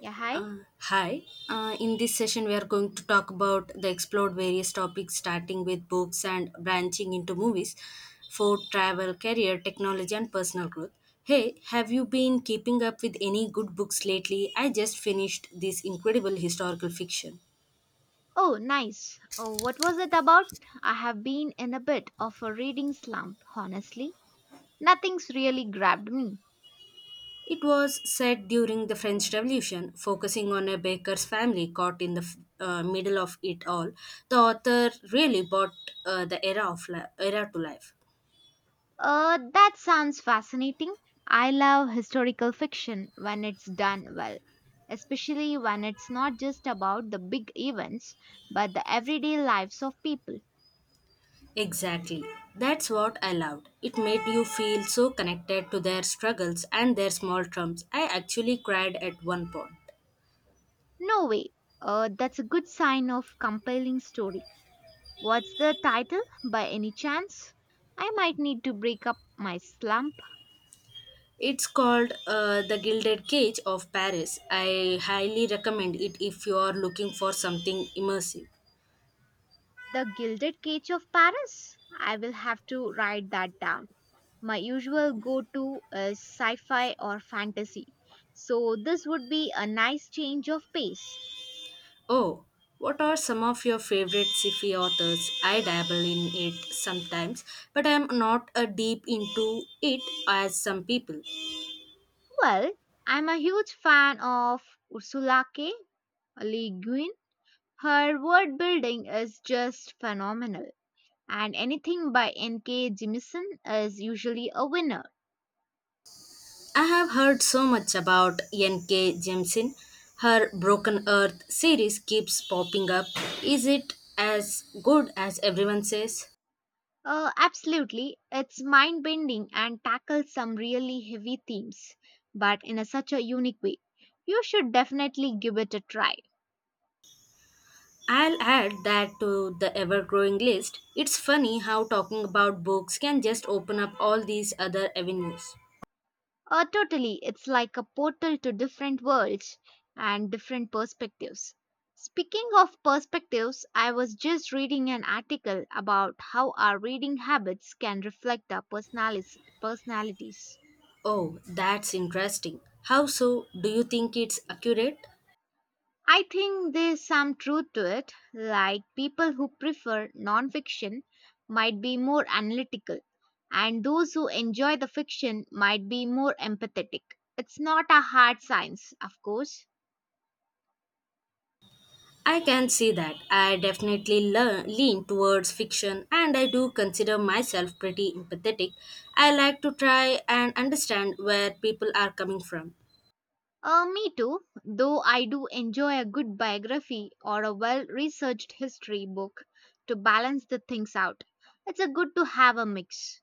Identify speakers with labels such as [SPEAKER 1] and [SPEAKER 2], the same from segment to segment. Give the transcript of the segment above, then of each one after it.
[SPEAKER 1] Yeah, hi.
[SPEAKER 2] Hi. In this session, we are going to talk about the explored various topics, starting with books and branching into movies, food, travel, career, technology, and personal growth. Hey, have you been keeping up with any good books lately? I just finished this incredible historical fiction.
[SPEAKER 1] Oh, nice. Oh, what was it about? I have been in a bit of a reading slump, honestly. Nothing's really grabbed me.
[SPEAKER 2] It was set during the French Revolution, focusing on a baker's family caught in the middle of it all. The author really brought the era to life.
[SPEAKER 1] That sounds fascinating. I love historical fiction when it's done well, especially when it's not just about the big events, but the everyday lives of people.
[SPEAKER 2] Exactly. That's what I loved. It made you feel so connected to their struggles and their small triumphs. I actually cried at one point.
[SPEAKER 1] No way. That's a good sign of compelling story. What's the title by any chance? I might need to break up my slump.
[SPEAKER 2] It's called The Gilded Cage of Paris. I highly recommend it if you are looking for something immersive.
[SPEAKER 1] The Gilded Cage of Paris. I will have to write that down. My usual go to is sci fi or fantasy, so this would be a nice change of pace.
[SPEAKER 2] Oh, what are some of your favorite sci-fi authors? I dabble in it sometimes, but I am not a deep into it as some people.
[SPEAKER 1] Well, I'm a huge fan of Ursula K. Le Guin. Her word building is just phenomenal, and anything by N.K. Jemisin is usually a winner.
[SPEAKER 2] I have heard so much about N.K. Jemisin. Her Broken Earth series keeps popping up. Is it as good as everyone says?
[SPEAKER 1] Absolutely. It's mind bending and tackles some really heavy themes, but such a unique way. You should definitely give it a try.
[SPEAKER 2] I'll add that to the ever growing list. It's funny how talking about books can just open up all these other avenues.
[SPEAKER 1] Totally, it's like a portal to different worlds and different perspectives. Speaking of perspectives, I was just reading an article about how our reading habits can reflect our personalities.
[SPEAKER 2] Oh, that's interesting. How so? Do you think it's accurate?
[SPEAKER 1] I think there's some truth to it, like people who prefer nonfiction might be more analytical, and those who enjoy the fiction might be more empathetic. It's not a hard science, of course.
[SPEAKER 2] I can see that. I definitely lean towards fiction and I do consider myself pretty empathetic. I like to try and understand where people are coming from.
[SPEAKER 1] Me too, though I do enjoy a good biography or a well researched history book to balance the things out. It's a good to have a mix.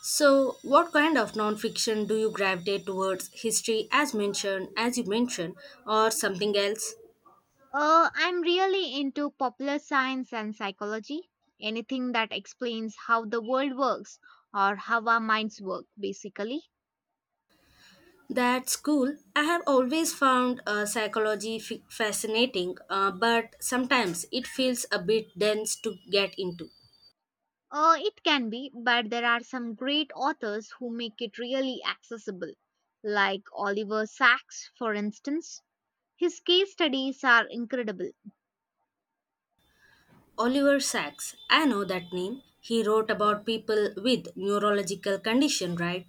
[SPEAKER 2] So, what kind of non-fiction do you gravitate towards? History, as you mentioned, or something else?
[SPEAKER 1] I'm really into popular science and psychology. Anything that explains how the world works or how our minds work, basically.
[SPEAKER 2] That's cool. I have always found psychology fascinating, but sometimes it feels a bit dense to get into.
[SPEAKER 1] It can be, but there are some great authors who make it really accessible, like Oliver Sacks, for instance. His case studies are incredible.
[SPEAKER 2] Oliver Sacks, I know that name. He wrote about people with neurological condition, right?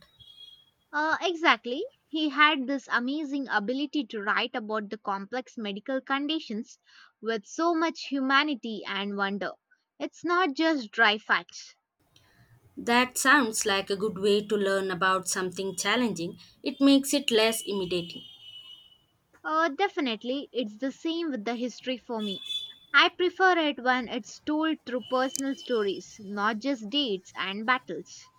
[SPEAKER 1] Exactly. He had this amazing ability to write about the complex medical conditions with so much humanity and wonder. It's not just dry facts.
[SPEAKER 2] That sounds like a good way to learn about something challenging. It makes it less intimidating.
[SPEAKER 1] Definitely, it's the same with the history for me. I prefer it when it's told through personal stories, not just dates and battles.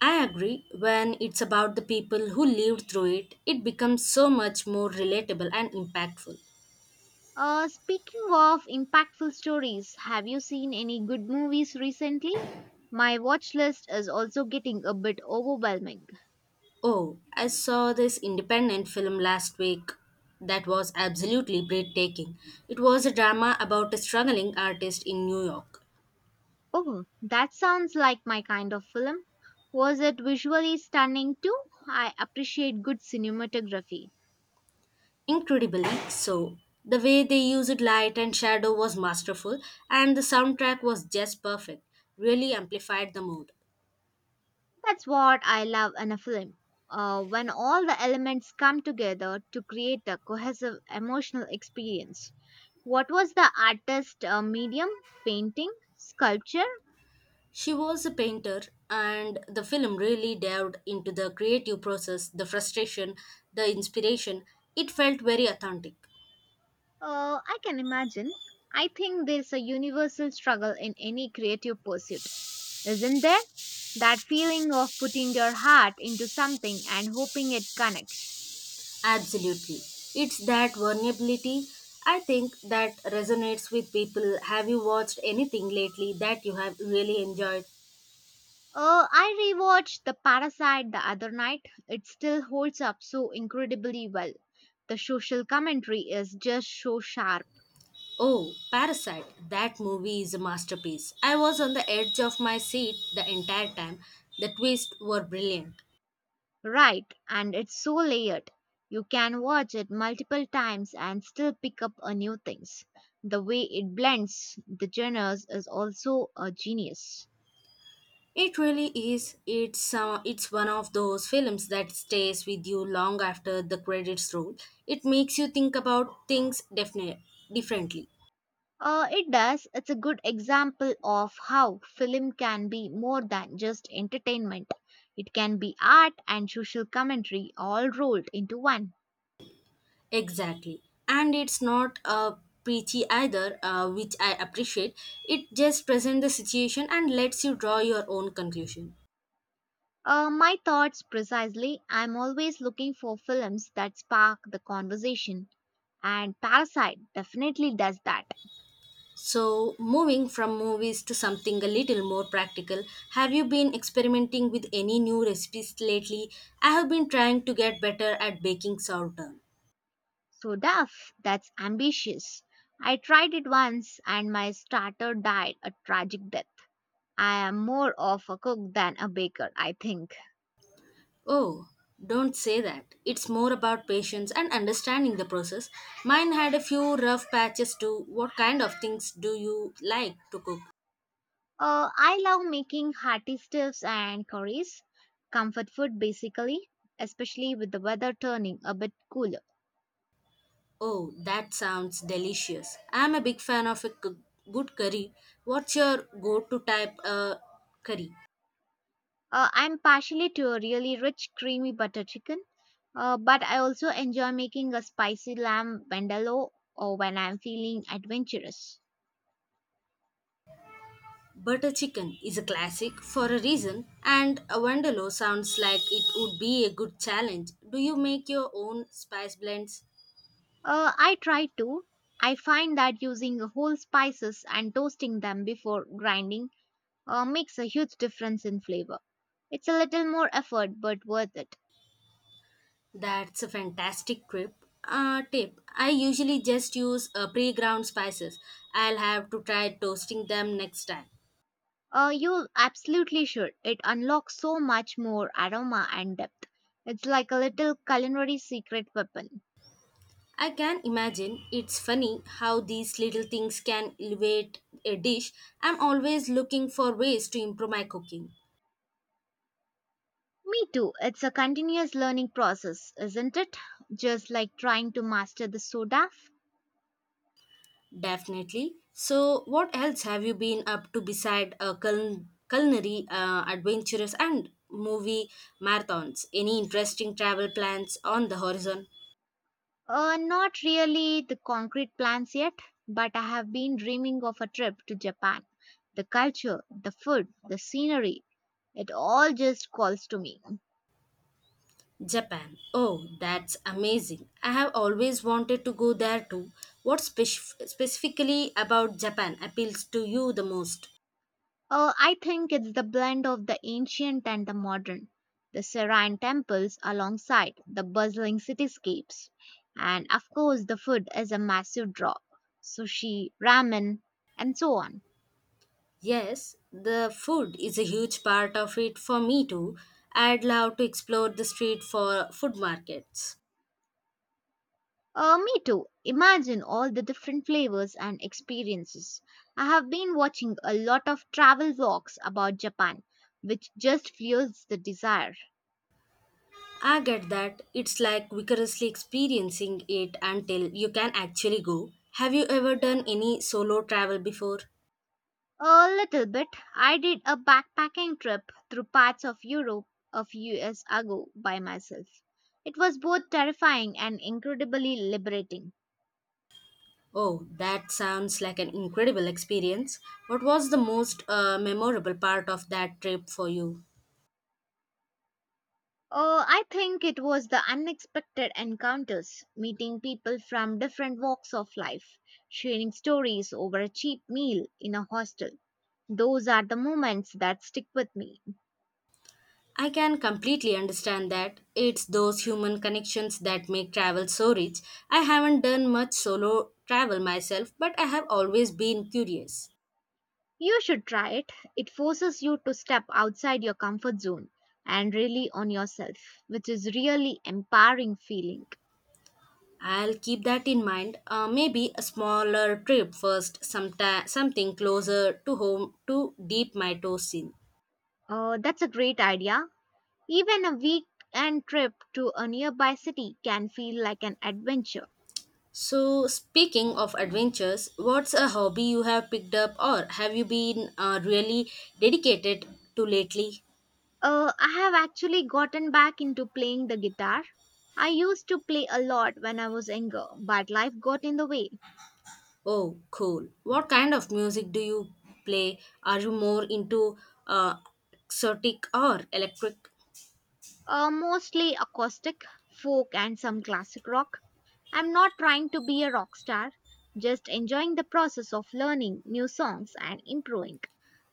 [SPEAKER 2] I agree. When it's about the people who lived through it, it becomes so much more relatable and impactful.
[SPEAKER 1] Speaking of impactful stories, have you seen any good movies recently? My watch list is also getting a bit overwhelming.
[SPEAKER 2] Oh, I saw this independent film last week that was absolutely breathtaking. It was a drama about a struggling artist in New York.
[SPEAKER 1] Oh, that sounds like my kind of film. Was it visually stunning too? I appreciate good cinematography.
[SPEAKER 2] Incredibly so. The way they used light and shadow was masterful, and the soundtrack was just perfect, really amplified the mood.
[SPEAKER 1] That's what I love in a film. When all the elements come together to create a cohesive emotional experience. What was the artist medium? Painting? Sculpture?
[SPEAKER 2] She was a painter, and the film really delved into the creative process, the frustration, the inspiration. It felt very authentic.
[SPEAKER 1] I can imagine. I think there's a universal struggle in any creative pursuit, isn't there? That feeling of putting your heart into something and hoping it connects.
[SPEAKER 2] Absolutely. It's that vulnerability, I think, that resonates with people. Have you watched anything lately that you have really enjoyed?
[SPEAKER 1] I rewatched The Parasite the other night. It still holds up so incredibly well. The social commentary is just so sharp,
[SPEAKER 2] Oh, Parasite. That movie is a masterpiece. I was on the edge of my seat the entire time. The twists were brilliant.
[SPEAKER 1] right, and it's so layered. You can watch it multiple times and still pick up a new things. The way it blends the genres is also a genius.
[SPEAKER 2] It really is. It's one of those films that stays with you long after the credits roll. It makes you think about things definitely differently.
[SPEAKER 1] It does. It's a good example of how film can be more than just entertainment. It can be art and social commentary all rolled into one.
[SPEAKER 2] Exactly. And it's not preachy either, which I appreciate. It just presents the situation and lets you draw your own conclusion.
[SPEAKER 1] My thoughts precisely. I'm always looking for films that spark the conversation, and Parasite definitely does that.
[SPEAKER 2] So, moving from movies to something a little more practical, have you been experimenting with any new recipes lately? I have been trying to get better at baking sourdough.
[SPEAKER 1] So, Duff, that's ambitious. I tried it once and my starter died a tragic death. I am more of a cook than a baker, I think.
[SPEAKER 2] Oh, don't say that. It's more about patience and understanding the process. Mine had a few rough patches too. What kind of things do you like to cook?
[SPEAKER 1] I love making hearty stews and curries, comfort food basically, especially with the weather turning a bit cooler.
[SPEAKER 2] Oh, that sounds delicious. I'm a big fan of good curry. What's your go to type curry?
[SPEAKER 1] I'm partially to a really rich creamy butter chicken, but I also enjoy making a spicy lamb vindaloo or when I'm feeling adventurous.
[SPEAKER 2] Butter chicken is a classic for a reason, and a Wonderlo sounds like it would be a good challenge. Do you make your own spice blends?
[SPEAKER 1] I try to. I find that using whole spices and toasting them before grinding makes a huge difference in flavor. It's a little more effort but worth it.
[SPEAKER 2] That's a fantastic trip. Tip I usually just use pre ground spices. I'll have to try toasting them next time.
[SPEAKER 1] You absolutely should. It unlocks so much more aroma and depth. It's like a little culinary secret weapon.
[SPEAKER 2] I can imagine it's funny how these little things can elevate a dish. I'm always looking for ways to improve my cooking.
[SPEAKER 1] Me too. It's a continuous learning process, isn't it? Just like trying to master the soda.
[SPEAKER 2] Definitely. So, what else have you been up to beside culinary adventures and movie marathons? Any interesting travel plans on the horizon?
[SPEAKER 1] Not really the concrete plans yet, but I have been dreaming of a trip to Japan. The culture, the food, the scenery, it all just calls to me.
[SPEAKER 2] Japan. Oh, that's amazing. I have always wanted to go there too. What spec- specifically about Japan appeals to you the most?
[SPEAKER 1] I think it's the blend of the ancient and the modern, the serene temples alongside the bustling cityscapes, and of course, the food is a massive draw, sushi, ramen, and so on.
[SPEAKER 2] Yes, the food is a huge part of it for me too. I'd love to explore the street for food markets.
[SPEAKER 1] Me too. Imagine all the different flavors and experiences. I have been watching a lot of travel vlogs about Japan, which just fuels the desire.
[SPEAKER 2] I get that it's like vicariously experiencing it until you can actually go. Have you ever done any solo travel before?
[SPEAKER 1] A little bit. I did a backpacking trip through parts of Europe a few years ago by myself. It was both terrifying and incredibly liberating.
[SPEAKER 2] Oh, that sounds like an incredible experience. What was the most memorable part of that trip for you?
[SPEAKER 1] I think it was the unexpected encounters, meeting people from different walks of life, sharing stories over a cheap meal in a hostel. Those are the moments that stick with me.
[SPEAKER 2] I can completely understand that. It's those human connections that make travel so rich. I haven't done much solo travel myself, but I have always been curious.
[SPEAKER 1] You should try it. It forces you to step outside your comfort zone and really on yourself, which is really empowering feeling.
[SPEAKER 2] I'll keep that in mind. Maybe a smaller trip first, sometime, something closer to home to deep my toes in.
[SPEAKER 1] That's a great idea. Even a weekend trip to a nearby city can feel like an adventure.
[SPEAKER 2] So, speaking of adventures, what's a hobby you have picked up or have you been really dedicated to lately?
[SPEAKER 1] I have actually gotten back into playing the guitar. I used to play a lot when I was younger, but life got in the way.
[SPEAKER 2] Oh, cool. What kind of music do you play? Are you more into uh, exotic or electric?
[SPEAKER 1] Mostly acoustic, folk, and some classic rock. I'm not trying to be a rock star, just enjoying the process of learning new songs and improving.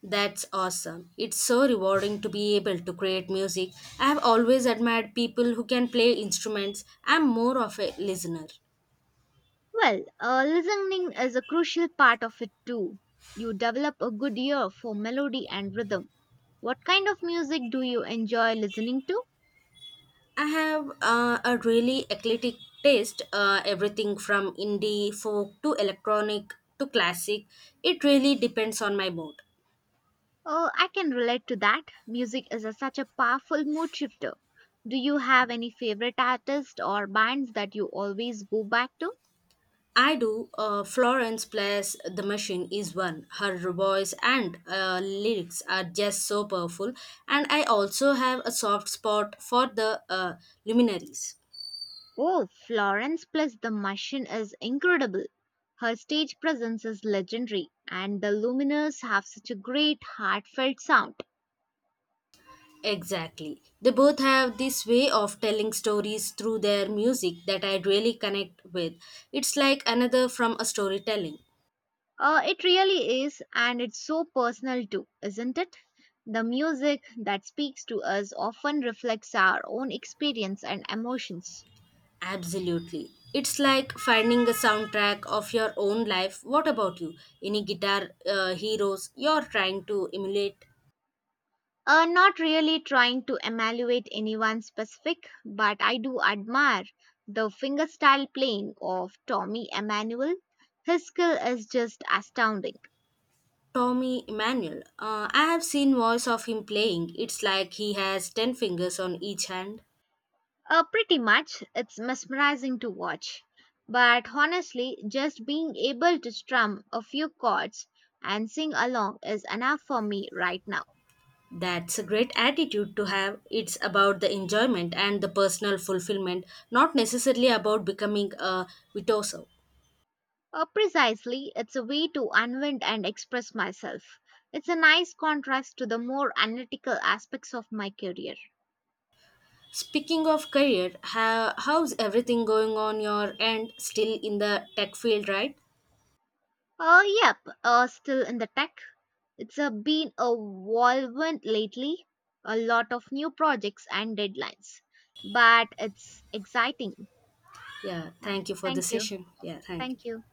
[SPEAKER 2] That's awesome. It's so rewarding to be able to create music. I have always admired people who can play instruments. I'm more of a listener.
[SPEAKER 1] Well, listening is a crucial part of it too. You develop a good ear for melody and rhythm. What kind of music do you enjoy listening to?
[SPEAKER 2] I have a really eclectic taste, everything from indie, folk to electronic to classic. It really depends on my mood.
[SPEAKER 1] Oh, I can relate to that. Music is such a powerful mood shifter. Do you have any favorite artists or bands that you always go back to?
[SPEAKER 2] I do. Florence Plus The Machine is one. Her voice and lyrics are just so powerful. And I also have a soft spot for the luminaries.
[SPEAKER 1] Oh, Florence plus the machine is incredible. Her stage presence is legendary, and the Luminers have such a great, heartfelt sound.
[SPEAKER 2] Exactly. They both have this way of telling stories through their music that I really connect with. It's like another from a storytelling.
[SPEAKER 1] It really is, and it's so personal too, isn't it? The music that speaks to us often reflects our own experience and emotions.
[SPEAKER 2] Absolutely. It's like finding a soundtrack of your own life. What about you? Any guitar heroes you're trying to emulate?
[SPEAKER 1] Not really trying to evaluate anyone specific, but I do admire the fingerstyle playing of Tommy Emmanuel. His skill is just astounding.
[SPEAKER 2] Tommy Emmanuel. I have seen voice of him playing. It's like he has 10 fingers on each hand.
[SPEAKER 1] Pretty much, it's mesmerizing to watch. But honestly, just being able to strum a few chords and sing along is enough for me right now.
[SPEAKER 2] That's a great attitude to have. It's about the enjoyment and the personal fulfillment, not necessarily about becoming a virtuoso.
[SPEAKER 1] Precisely, it's a way to unwind and express myself. It's a nice contrast to the more analytical aspects of my career.
[SPEAKER 2] Speaking of career, how's everything going on your end? Still in the tech field, right?
[SPEAKER 1] Yep, still in the tech. It's been a whirlwind lately, a lot of new projects and deadlines, but it's exciting.
[SPEAKER 2] Yeah,
[SPEAKER 1] Yeah,
[SPEAKER 2] thank you for the
[SPEAKER 1] thank you.
[SPEAKER 2] session. Yeah, thank you.
[SPEAKER 1] Thank you.